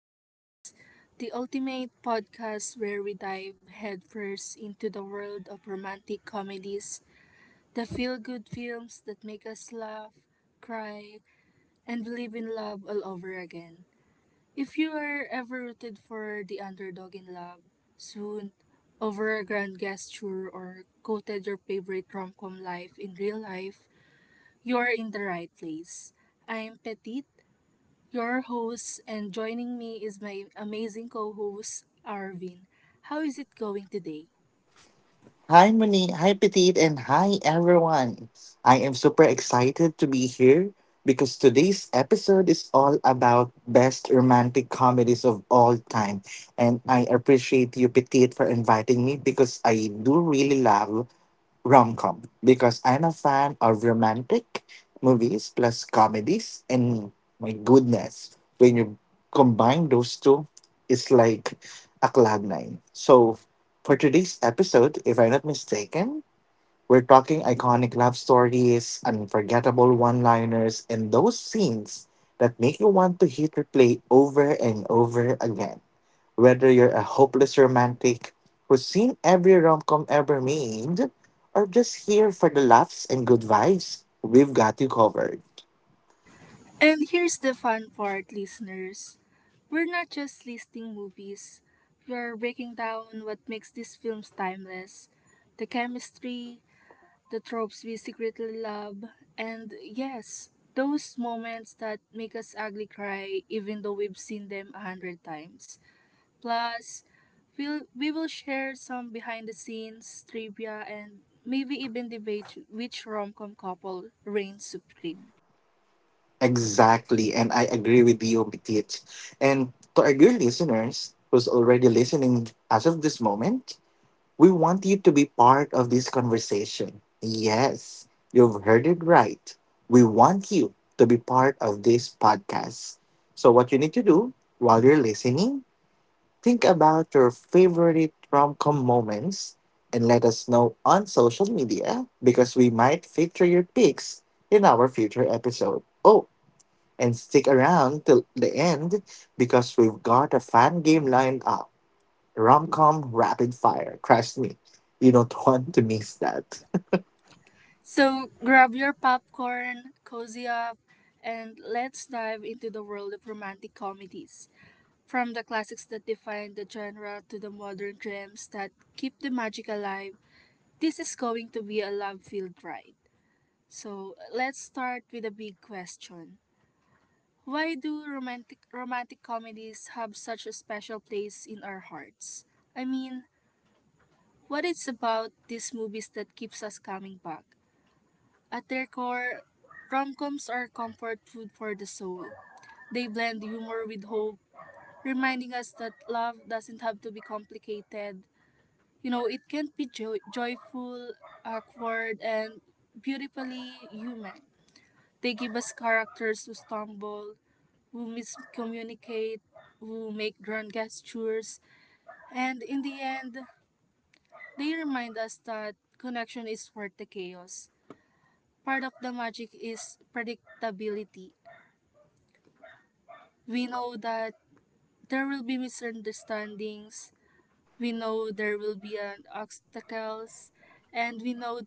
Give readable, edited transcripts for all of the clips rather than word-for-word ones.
Reviews, the ultimate podcast where we dive headfirst into the world of romantic comedies, the feel good films that make us laugh, cry, and believe in love all over again. If you are ever rooted for the underdog in love, soon, over a grand gesture or quoted your favorite romcom life in real life, you are in the right place. I am Petit, your host, and joining me is my amazing co host, Arvin. How is it going today? Hi, Moni. Hi, Petit. And hi, everyone. I am super excited to be here because today's episode is all about best romantic comedies of all time. And I appreciate you, Petit, for inviting me because I do really love rom com because I'm a fan of romantic movies plus comedies. And my goodness, when you combine those two, it's like a cloud nine. So, for today's episode, if I'm not mistaken, we're talking iconic love stories, unforgettable one liners, and those scenes that make you want to hit replay over and over again. Whether you're a hopeless romantic who's seen every rom com ever made, or just here for the laughs and good vibes, we've got you covered. And here's the fun part, listeners. We're not just listing movies, we're breaking down what makes these films timeless, the chemistry, the tropes we secretly love, and yes, those moments that make us ugly cry even though we've seen them a hundred times. Plus, we will share some behind the scenes trivia and maybe even debate which rom com couple reigns supreme. Exactly, and I agree with you, Bitit. And to our dear listeners who's already listening as of this moment, we want you to be part of this conversation. Yes, you've heard it right. We want you to be part of this podcast. So, what you need to do while you're listening, think about your favorite rom com moments and let us know on social media because we might feature your picks in our future episode. Oh, and stick around till the end because we've got a fan game lined up, rom com rapid fire. Trust me, you don't want to miss that. So grab your popcorn, cozy up, and let's dive into the world of romantic comedies. From the classics that define the genre to the modern gems that keep the magic alive, this is going to be a love filled ride. So let's start with a big question. Why do romantic comedies have such a special place in our hearts? I mean, what it's about these movies that keeps us coming back. At their core, rom-coms are comfort food for the soul. They blend humor with hope, reminding us that love doesn't have to be complicated. You know, it can be joyful, awkward, and beautifully human. They give us characters who stumble, who miscommunicate, who make grand gestures, and in the end, they remind us that connection is worth the chaos. Part of the magic is predictability. We know that there will be misunderstandings, we know there will be an obstacles, and we know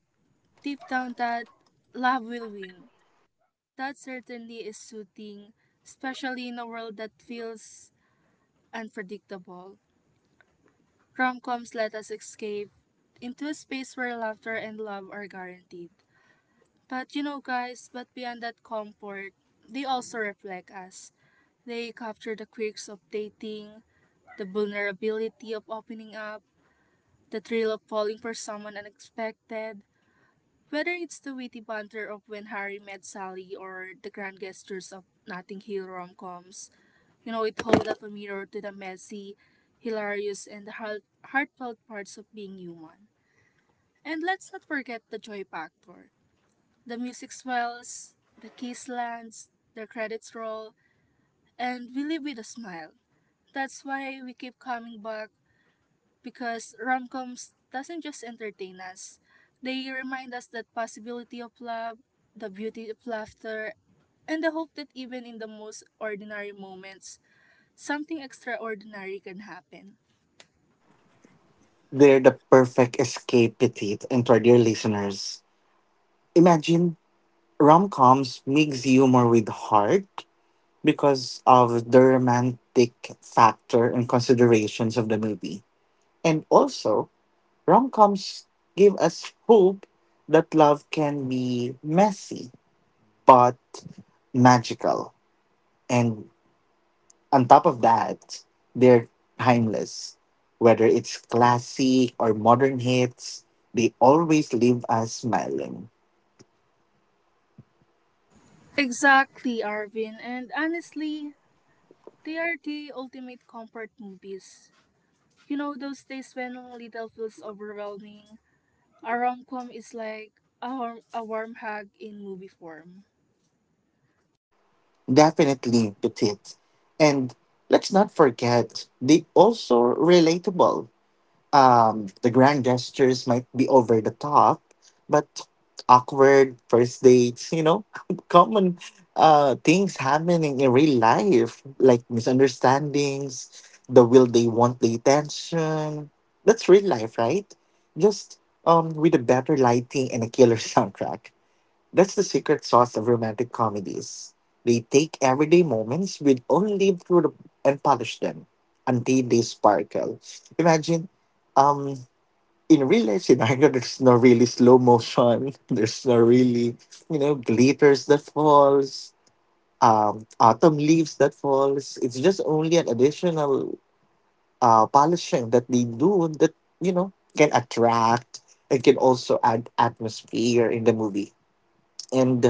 deep down that love will win. That certainly is soothing, especially in a world that feels unpredictable. Rom-coms let us escape into a space where laughter and love are guaranteed. But you know, guys, but beyond that comfort, they also reflect us. They capture the quirks of dating, the vulnerability of opening up, the thrill of falling for someone unexpected, whether it's the witty banter of When Harry Met Sally or the grand gestures of Notting Hill rom-coms. You know, it holds up a mirror to the messy, hilarious, and the heartfelt parts of being human. And let's not forget the joy factor. The music swells, the kiss lands, the credits roll, and we leave with a smile. That's why we keep coming back, because rom-coms doesn't just entertain us. They remind us that possibility of love, the beauty of laughter, and the hope that even in the most ordinary moments, something extraordinary can happen. They're the perfect escape, petite. And to our dear listeners, imagine rom coms mix humor with heart because of the romantic factor and considerations of the movie. And also, rom coms give us hope that love can be messy but magical. And on top of that, they're timeless. Whether it's classic or modern hits, they always leave us smiling. Exactly, Arvin. And honestly, they are the ultimate comfort movies. You know those days when little feels overwhelming? A rom-com is like a warm hug in movie form. Definitely petite. And let's not forget, they also relatable. The grand gestures might be over the top, but awkward first dates, you know, common things happening in real life, like misunderstandings, the will they want the attention. That's real life, right? Just with a better lighting and a killer soundtrack. That's the secret sauce of romantic comedies. They take everyday moments with only lived through the, and polish them until they sparkle. Imagine, um, in real life scenario, there's no really slow motion. There's no really, you know, glitters that falls, autumn leaves that falls. It's just only an additional polishing that they do that, you know, can attract and can also add atmosphere in the movie and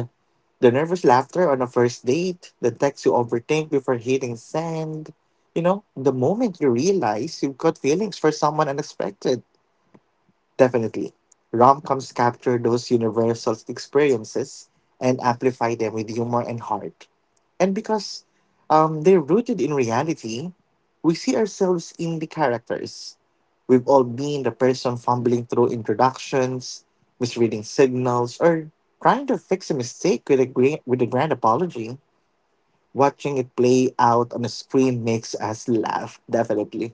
the nervous laughter on a first date, the text you overthink before hitting send. You know, the moment you realize you've got feelings for someone unexpected. Definitely. Rom coms capture those universal experiences and amplify them with humor and heart. And because they're rooted in reality, we see ourselves in the characters. We've all been the person fumbling through introductions, misreading signals, or trying to fix a mistake with a, with a grand apology. Watching it play out on the screen makes us laugh, definitely.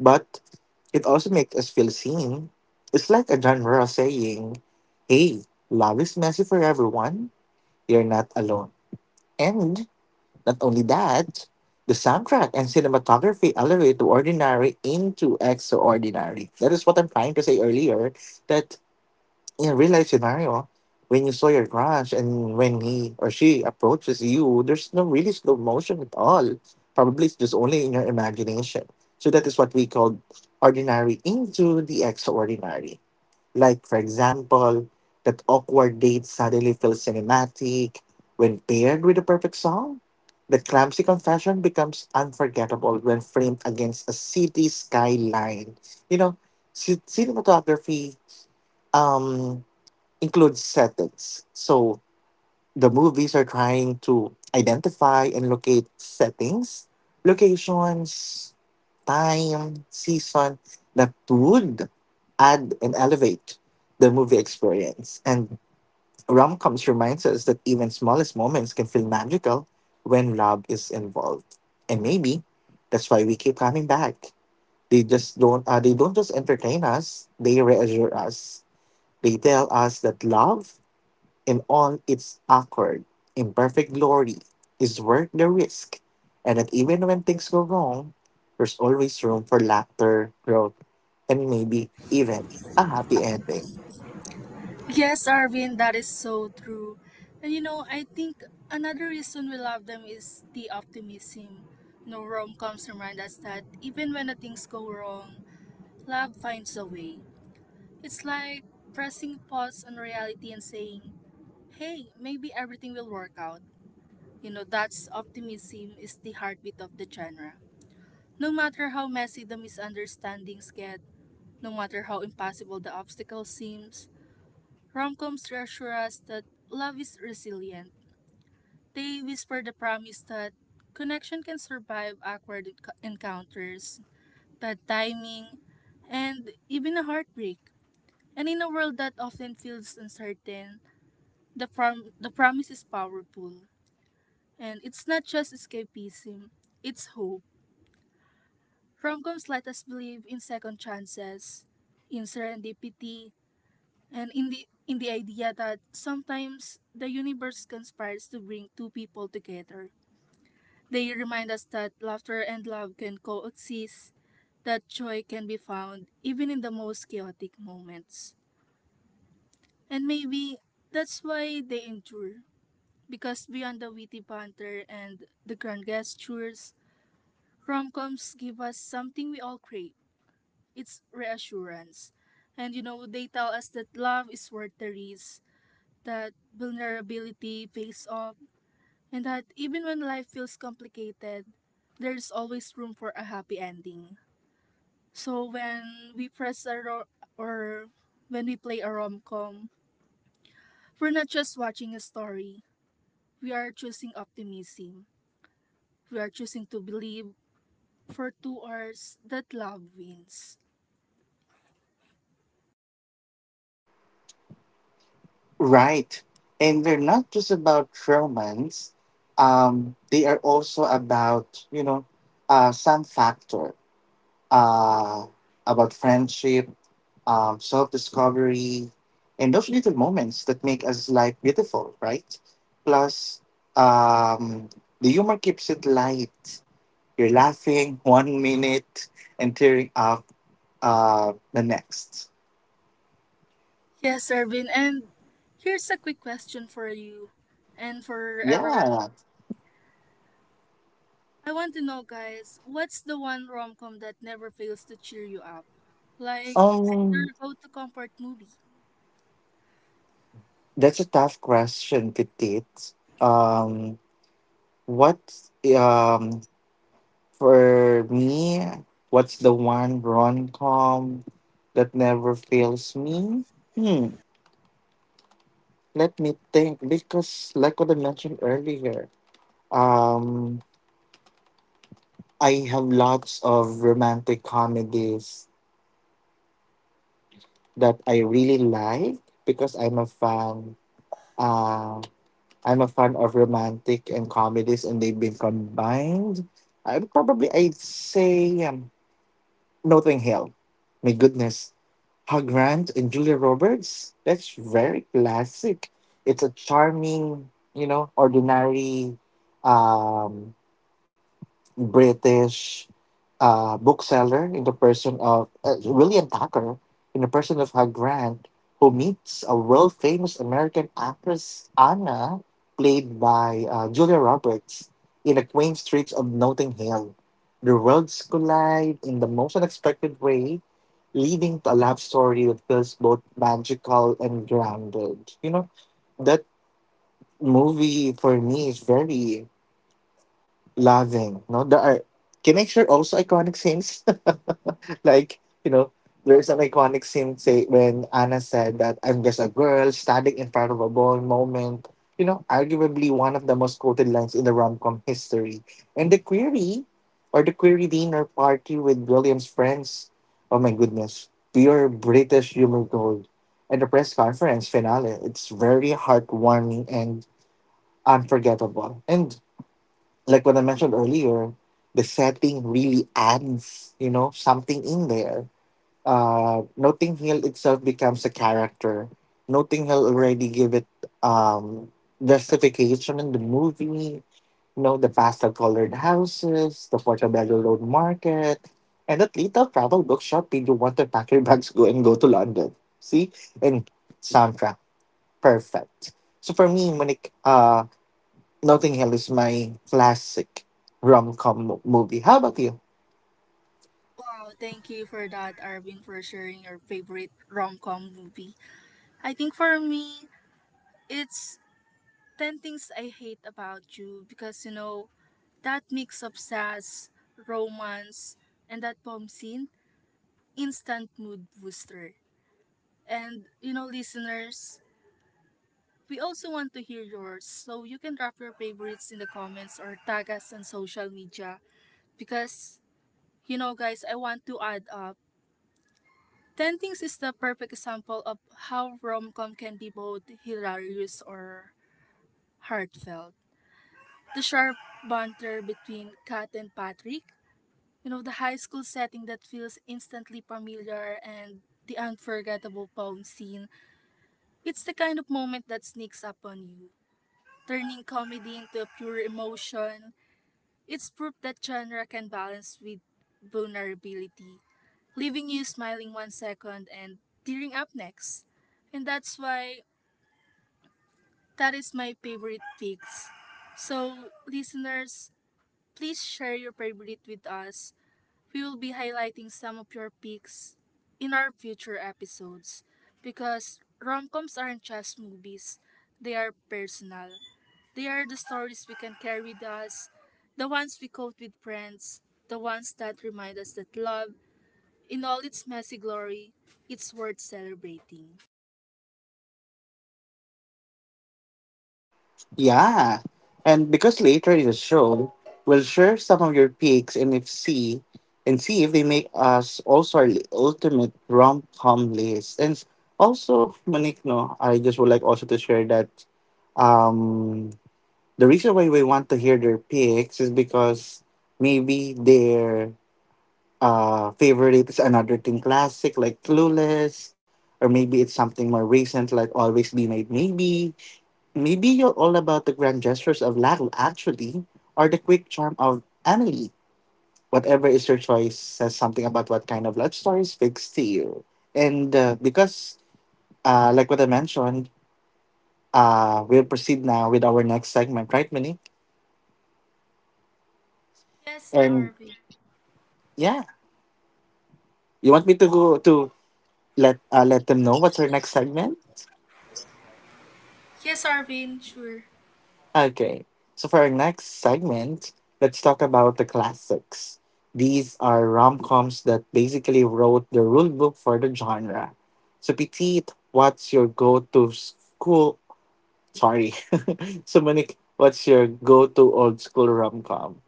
But it also makes us feel seen. It's like a genre saying, hey, love is messy for everyone. You're not alone. And not only that, the soundtrack and cinematography elevate the ordinary into extraordinary. That is what I'm trying to say earlier. That in a real life scenario, when you saw your crush and when he or she approaches you, there's no really slow motion at all. Probably it's just only in your imagination. So that is what we call ordinary into the extraordinary. Like, for example, that awkward date suddenly feels cinematic when paired with a perfect song. The clumsy confession becomes unforgettable when framed against a city skyline. You know, cinematography um includes settings. So the movies are trying to identify and locate settings, locations, time, season that would add and elevate the movie experience. And rom coms reminds us that even smallest moments can feel magical when love is involved. And maybe that's why we keep coming back. They just don't they don't just entertain us, they reassure us. They tell us that love in all its awkward, imperfect glory, is worth the risk, and that even when things go wrong, there's always room for laughter, growth, and maybe even a happy ending. Yes, Arvin, that is so true. And you know, I think another reason we love them is the optimism. You know, rom-coms remind us that even when the things go wrong, love finds a way. It's like pressing pause on reality and saying, hey, maybe everything will work out. You know, that's optimism is the heartbeat of the genre. No matter how messy the misunderstandings get, no matter how impossible the obstacle seems, romcoms reassure us that love is resilient. They whisper the promise that connection can survive awkward encounters, bad timing, and even a heartbreak. And in a world that often feels uncertain, the promise is powerful. And it's not just escapism, it's hope. Romcoms let us believe in second chances, in serendipity, and in the idea that sometimes the universe conspires to bring two people together. They remind us that laughter and love can coexist, that joy can be found even in the most chaotic moments. And maybe that's why they endure, because beyond the witty banter and the grand gestures, romcoms give us something we all crave, it's reassurance. And you know, they tell us that love is worth the risk, that vulnerability pays off, and that even when life feels complicated, there's always room for a happy ending. So when we press a ro- or when we play a rom-com, we're not just watching a story. We are choosing optimism. We are choosing to believe for 2 hours that love wins. Right. And they're not just about romance. They are also about, you know, some factor uh, about friendship, self discovery, and those little moments that make us life beautiful, right? Plus, um, the humor keeps it light. You're laughing one minute and tearing up the next. Yes, Ervin. And here's a quick question for you and for everyone. Yeah. I want to know, guys, what's the one rom com that never fails to cheer you up? Like your Um, go to comfort movie. that's a tough question, Petit. Um, what um for me? What's the one rom com that never fails me? Hmm. Let me think because, like what I mentioned earlier, um, I have lots of romantic comedies that I really like because I'm a fan. Uh, I'm a fan of romantic and comedies, and they've been combined. I'd say Notting Hill. My goodness, Hugh Grant and Julia Roberts. That's very classic. It's a charming, you know, ordinary. Um, British bookseller in the person of William Tucker, in the person of Hugh Grant, who meets a world famous American actress, Anna, played by Julia Roberts, in the quaint streets of Notting Hill. The worlds collide in the most unexpected way, leading to a love story that feels both magical and grounded. You know, that movie for me is very loving. No, there are, can I share also iconic scenes? Like, you know, there's an iconic scene say when Anna said that I'm just a girl standing in front of a ball moment. You know, arguably one of the most quoted lines in the rom com history. And the query or the query dinner party with William's friends. Oh my goodness. Pure British humor gold. And the press conference finale. It's very heartwarming and unforgettable. And like what I mentioned earlier, the setting really adds, you know, something in there. Notting Hill itself becomes a character. Notting Hill already give it um, justification in the movie. You know, the pastel-colored houses, the Portobello Road Market, and that little travel bookshop made you want to pack your bags go and go to London. See, and soundtrack perfect. So for me, when it Notting Hill is my classic rom com movie. How about you? Wow, thank you for that, Arvin, for sharing your favorite rom com movie. I think for me, it's 10 Things I Hate About You because, you know, that mix of sass, romance, and that bomb scene, instant mood booster. And you know, listeners, we also want to hear yours, so you can drop your favorites in the comments or tag us on social media. Because you know, guys, I want to add up. Ten Things is the perfect example of how rom-com can be both hilarious or heartfelt. The sharp banter between Kat and Patrick, you know, the high school setting that feels instantly familiar and the unforgettable poem scene, it's the kind of moment that sneaks up on you, turning comedy into a pure emotion. It's proof that genre can balance with vulnerability, leaving you smiling one second and tearing up next. And that's why that is my favorite picks. So, listeners, please share your favorite with us. We will be highlighting some of your picks in our future episodes because rom-coms aren't just movies, they are personal. They are the stories we can carry with us, the ones we quote with friends, the ones that remind us that love, in all its messy glory, it's worth celebrating. Yeah. And because later in the show, we'll share some of your picks and if see and see if they make us also our ultimate rom com list. And also, Monique, no, I just would like also to share that um the reason why we want to hear their picks is because maybe their favorite is another teen classic like Clueless, or maybe it's something more recent like Always Be Made Maybe. Maybe you're all about the grand gestures of Lal, actually, or the quick charm of Emily. Whatever is your choice says something about what kind of love story speaks to you. And because, like what I mentioned, we'll proceed now with our next segment, right, Minnie? Yes, And Arvin. yeah, you want me to go to, let them know what's our next segment? Yes, Arvin, sure. Okay, so for our next segment, let's talk about the classics. These are rom coms that basically wrote the rule book for the genre. So, Petit, what's your go to school? Sorry. So, Monique, what's your go to old school rom com?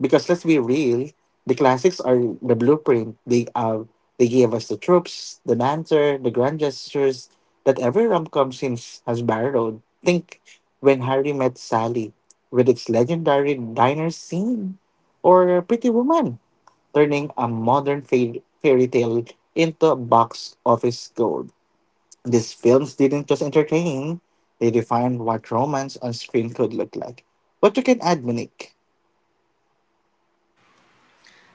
Because let's be real, the classics are the blueprint. They gave us the tropes, the banter, the grand gestures that every rom com since has borrowed. Think when Harry met Sally, with its legendary diner scene, or Pretty Woman, turning a modern fairy tale into a box office gold. These films didn't just entertain; they defined what romance on screen could look like. What you can add, Monique?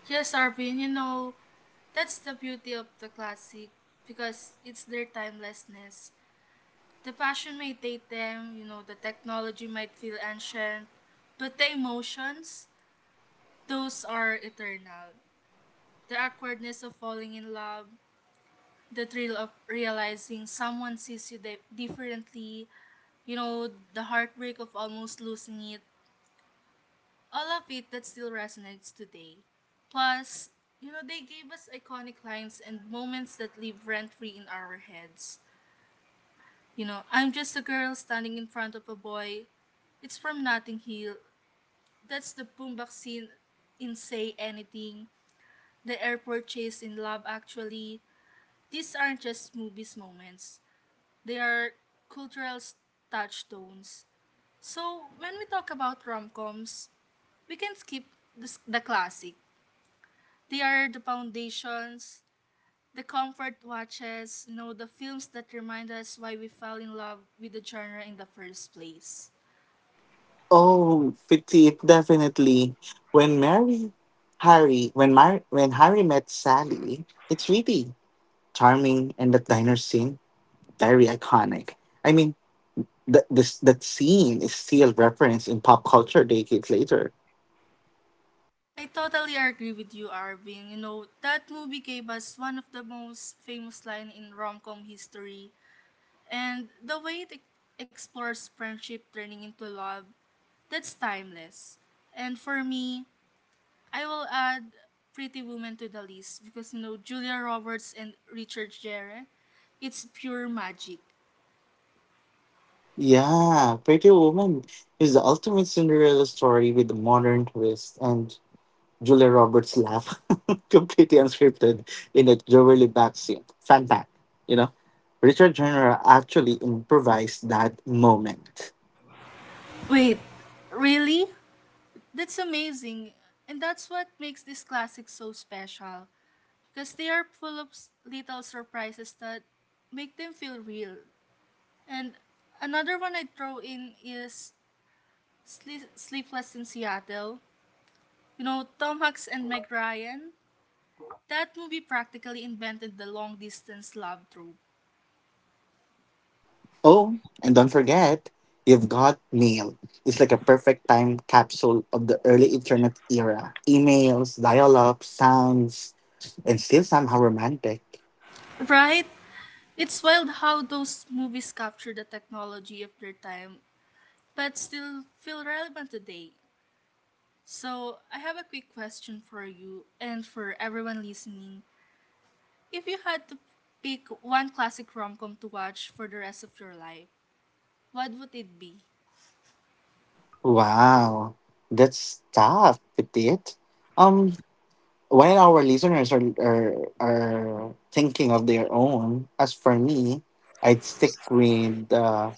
Yes, Arvin, you know, that's the beauty of the classic because it's their timelessness. The passion may date them, you know, the technology might feel ancient, but the emotions, those are eternal. The awkwardness of falling in love, the thrill of realizing someone sees you differently, you know, the heartbreak of almost losing it, all of it that still resonates today. Plus, you know, they gave us iconic lines and moments that live rent free in our heads. You know, I'm just a girl standing in front of a boy. It's from Notting Hill. That's the boombox scene in Say Anything, the airport chase in Love Actually. These aren't just movies moments. They are cultural touchstones. So when we talk about rom-coms, we can skip the classic. They are the foundations, the comfort watches, you know, the films that remind us why we fell in love with the genre in the first place. Oh, petite, definitely. When Mary, Harry, when Mar- when Harry met Sally, it's really charming, and that diner scene, very iconic. I mean, that scene is still referenced in pop culture decades later. I totally agree with you, Arvin. You know, that movie gave us one of the most famous line in rom-com history. And the way it explores friendship turning into love, that's timeless. And for me, I will add Pretty Woman to the list because you know Julia Roberts and Richard Gere, it's pure magic. Yeah, Pretty Woman is the ultimate Cinderella story with a modern twist, and Julia Roberts' laugh, completely unscripted, in a jewelry backseat. Fun fact, you know, Richard Turner actually improvised that moment. Wait, really? That's amazing. And that's what makes this classic so special because they are full of little surprises that make them feel real. And another one I throw in is Sleepless in Seattle. You know, Tom Hanks and Meg Ryan. That movie practically invented the long distance love trope. Oh, and don't forget, you've got mail. It's like a perfect time capsule of the early internet era. Emails, dial-up, sounds, and still somehow romantic. Right? It's wild how those movies capture the technology of their time but still feel relevant today. So, I have a quick question for you and for everyone listening. If you had to pick one classic rom com to watch for the rest of your life, what would it be? Wow, that's tough, petite. Um, while our listeners are are thinking of their own, as for me, I'd stick with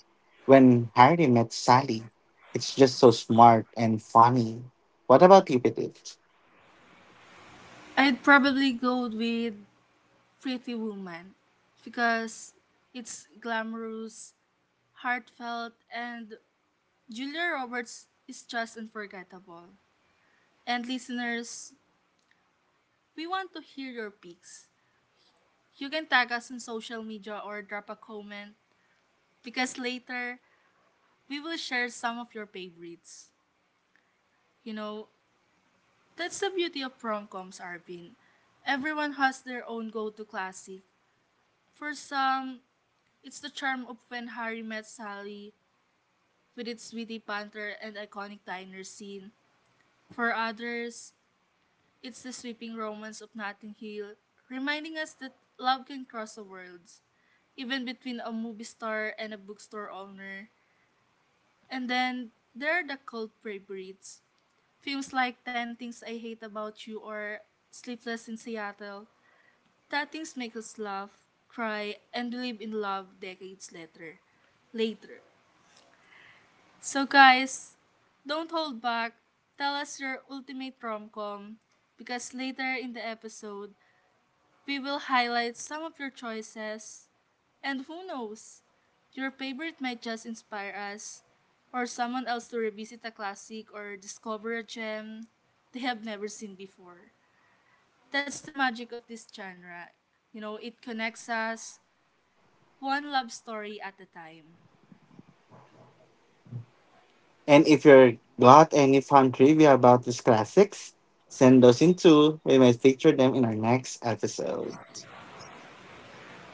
when Harry met Sally. It's just so smart and funny. What about you, Petit? I'd probably go with Pretty Woman because it's glamorous, heartfelt, and Julia Roberts is just unforgettable. And listeners, we want to hear your picks. You can tag us on social media or drop a comment because later we will share some of your favorites. You know, that's the beauty of prom coms, Arvin. Everyone has their own go to classic. For some, it's the charm of when Harry met Sally with its witty banter and iconic diner scene. For others, it's the sweeping romance of Notting Hill, reminding us that love can cross the worlds, even between a movie star and a bookstore owner. And then there are the cold favorites, films like 10 Things I Hate About You or Sleepless in Seattle. That things make us laugh, cry, and believe in love decades later. Later. So guys, don't hold back. Tell us your ultimate rom-com because later in the episode, we will highlight some of your choices, and who knows, your favorite might just inspire us or someone else to revisit a classic or discover a gem they have never seen before. That's the magic of this genre. You know, it connects us one love story at a time. And if you're got any fun trivia about these classics, send those in too. We might feature them in our next episode.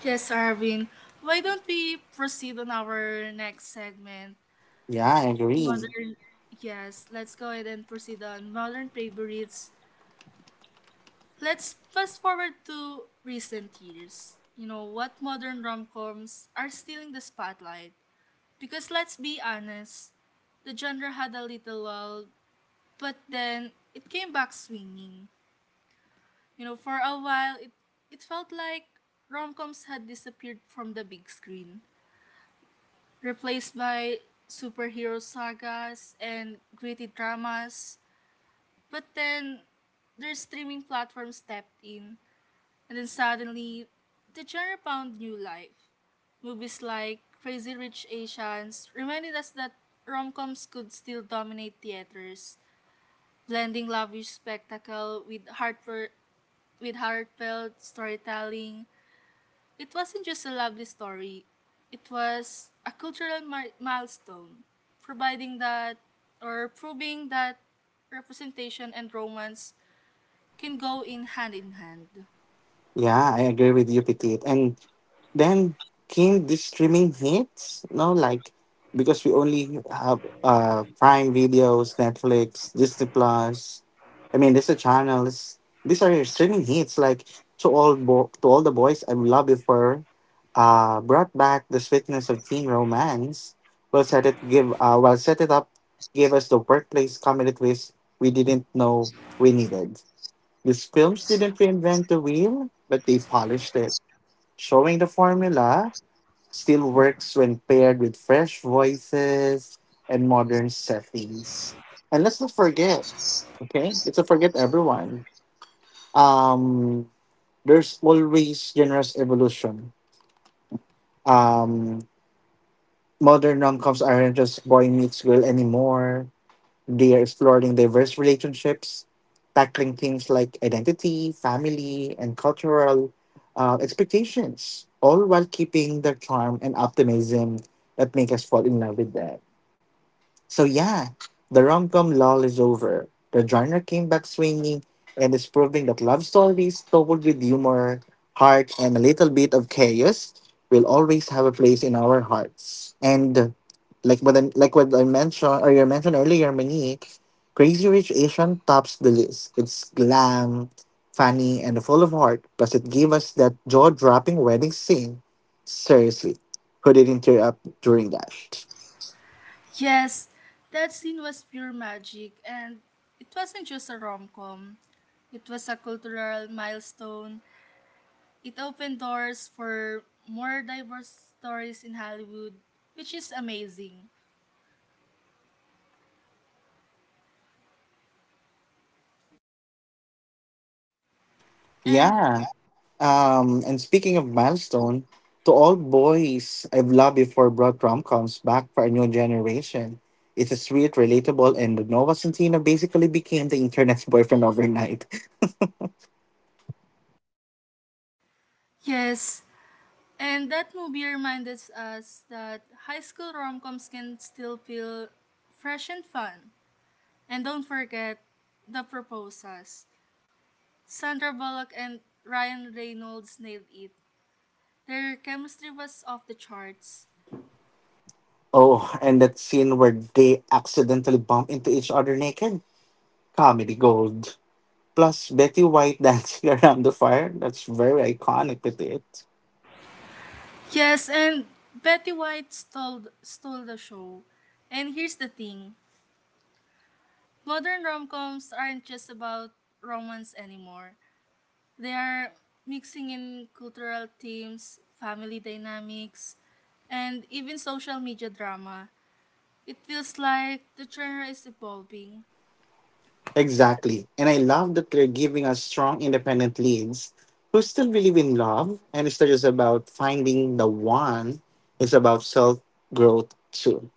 Yes, Arvin, why don't we proceed on our next segment? Yeah, I agree. Modern, yes, let's go ahead and proceed on modern favorites. Let's fast forward to recent years. You know, what modern rom-coms are stealing the spotlight. Because let's be honest, the genre had a little lull, but then it came back swinging. You know, for a while, it felt like rom-coms had disappeared from the big screen, replaced by superhero sagas and gritty dramas. But then, their streaming platform stepped in. And then suddenly, the genre found new life. Movies like Crazy Rich Asians reminded us that rom-coms could still dominate theaters, blending lavish spectacle with heartfelt storytelling. It wasn't just a lovely story; it was a cultural milestone, providing that or proving that representation and romance can go in hand in hand. Yeah, I agree with you, Petit. And then came the streaming hits, you know, like because we only have Prime Videos, Netflix, Disney Plus. I mean, these are channels. These are your streaming hits. Like to all the boys I love before, brought back the sweetness of teen romance. Well, set it give well, set it up, gave us the workplace comedy twist we didn't know we needed. These films didn't reinvent the wheel, but they polished it, showing the formula still works when paired with fresh voices and modern settings. And let's not forget, okay? Let's not forget, everyone. Um, there's always generous evolution. Um, Modern rom-coms aren't just boy meets girl anymore. They are exploring diverse relationships, tackling things like identity, family, and cultural expectations, all while keeping the charm and optimism that make us fall in love with them. So yeah, the rom-com lull is over. The genre came back swinging and is proving that love stories told with humor, heart, and a little bit of chaos will always have a place in our hearts. And like what I mentioned or you mentioned earlier, Monique, Crazy Rich Asian tops the list. It's glam, funny, and full of heart. Plus, it gave us that jaw-dropping wedding scene. Seriously, who didn't tear up during that? Yes, that scene was pure magic, and it wasn't just a rom com, it was a cultural milestone. It opened doors for more diverse stories in Hollywood, which is amazing. And Yeah. And speaking of milestone, to all boys I've loved before brought rom-coms back for a new generation. It's a sweet, relatable, and Nova Centino basically became the internet's boyfriend overnight. yes, and that movie reminded us that high school rom coms can still feel fresh and fun. And don't forget the proposals. Sandra Bullock and Ryan Reynolds nailed it. Their chemistry was off the charts. Oh, and that scene where they accidentally bump into each other naked? Comedy gold. Plus, Betty White dancing around the fire? That's very iconic with it. Yes, and Betty White stole the show. And here's the thing, modern rom coms aren't just about romance anymore, they are mixing in cultural themes, family dynamics, and even social media drama. It feels like the genre is evolving. Exactly. And I love that they're giving us strong, independent leads who still believe in love. And it's not just about finding the one, it's about self growth too.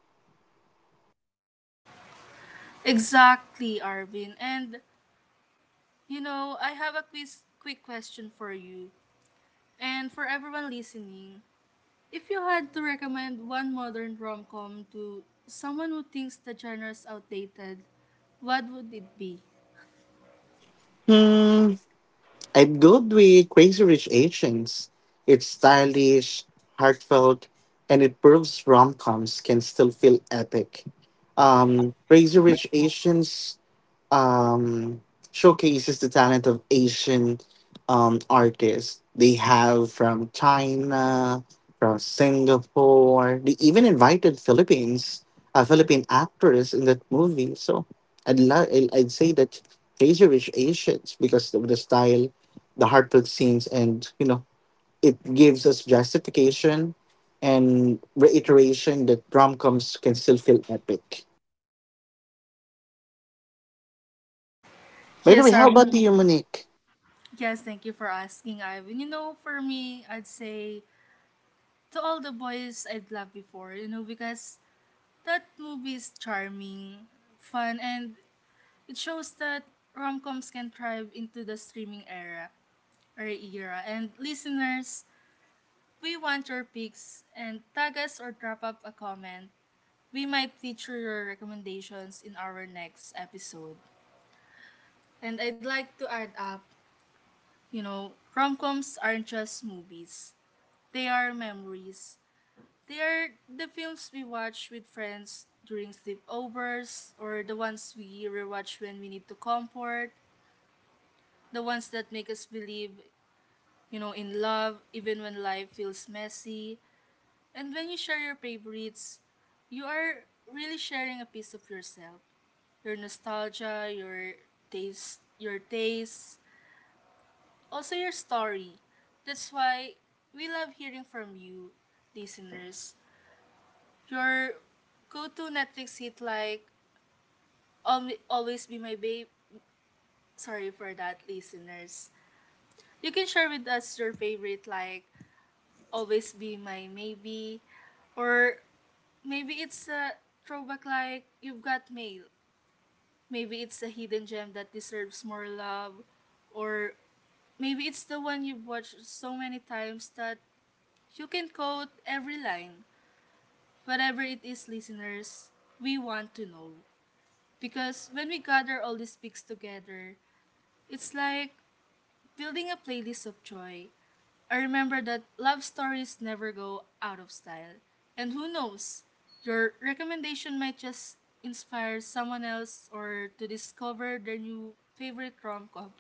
Exactly, Arvin. And you know, I have a quick question for you and for everyone listening. If you had to recommend one modern rom com to someone who thinks the genre is outdated, what would it be? Hmm. I'd go with Crazy Rich Asians. It's stylish, heartfelt, and it proves rom coms can still feel epic. Crazy Rich Asians um, showcases the talent of Asian artists. They have from China, from Singapore. They even invited Philippines, a Philippine actress in that movie. So I'd love. I'd say that these are rich Asians because of the style, the heartfelt scenes, and you know it gives us justification and reiteration that rom coms can still feel epic. By the way, Yes, how about Arvin. you, Monique? Yes, thank you for asking, Ivan. You know, for me, I'd say to all the boys I'd loved before, you know, because that movie is charming, fun, and it shows that rom coms can thrive into the streaming era. And listeners, we want your picks and tag us or drop up a comment. We might feature your recommendations in our next episode. And I'd like to add up, you know, rom-coms aren't just movies. They are memories. They are the films we watch with friends during sleepovers or the ones we rewatch when we need to comfort, the ones that make us believe, you know, in love even when life feels messy. And when you share your favorites, you are really sharing a piece of yourself. Your nostalgia, your taste, also your story. That's why we love hearing from you, listeners. Your go-to Netflix hit like Always Be My Babe. Sorry for that, listeners. You can share with us your favorite like Always Be My Maybe, or maybe it's a throwback like You've Got Mail. Maybe it's a hidden gem that deserves more love, or maybe it's the one you've watched so many times that you can quote every line. Whatever it is, listeners, we want to know. Because when we gather all these picks together, it's like building a playlist of joy. I remember that love stories never go out of style. And who knows, your recommendation might just inspire someone else or to discover their new favorite rom com.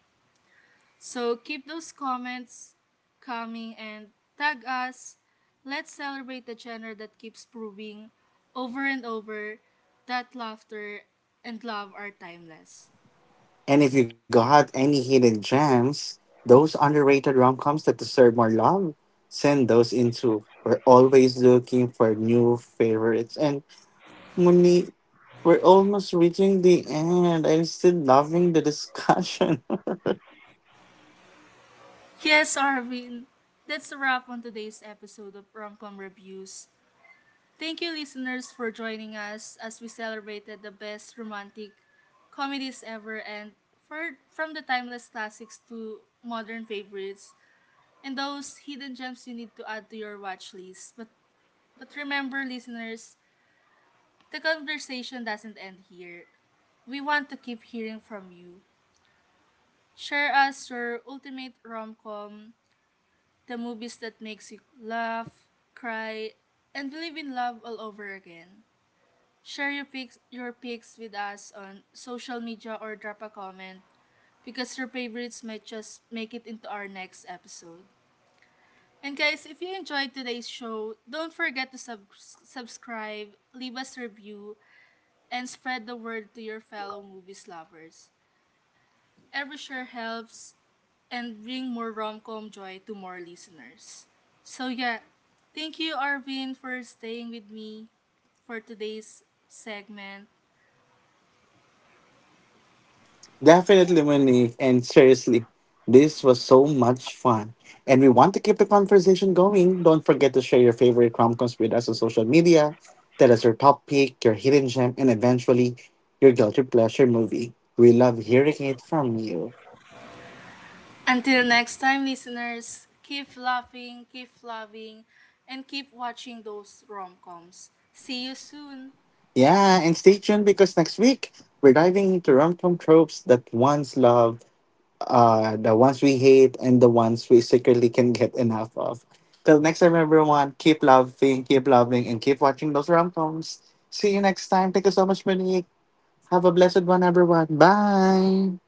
So keep those comments coming and tag us. Let's celebrate the genre that keeps proving over and over that laughter and love are timeless. And if you got any hidden gems, those underrated rom coms that deserve more love, send those in too. We're always looking for new favorites. And Monique, we're almost reaching the end. I'm still loving the discussion. Yes, Arvin, that's a wrap on today's episode of Romcom Reviews. Thank you, listeners, for joining us as we celebrated the best romantic comedies ever and from the timeless classics to modern favorites and those hidden gems you need to add to your watch list. But remember, listeners, the conversation doesn't end here. We want to keep hearing from you. Share us your ultimate rom-com, the movies that makes you laugh, cry, and believe in love all over again. Share your pics with us on social media or drop a comment because your favorites might just make it into our next episode. And guys, if you enjoyed today's show, don't forget to subscribe, leave us a review, and spread the word to your fellow movies lovers. Every share helps and bring more rom-com joy to more listeners. So yeah, thank you, Arvin, for staying with me for today's segment. Definitely, Monique. And seriously, this was so much fun. And we want to keep the conversation going. Don't forget to share your favorite Cromcoms with us on social media. Tell us your top pick, your hidden gem, and eventually your guilty pleasure movie. We love hearing it from you. Until next time, listeners, keep laughing, keep loving, and keep watching those rom-coms. See you soon. Yeah, and stay tuned because next week we're diving into rom-com tropes that once loved, the ones we hate and the ones we secretly can get enough of. Till next time, everyone, keep loving, and keep watching those rom coms. See you next time. Thank you so much, Monique. Have a blessed one, everyone. Bye.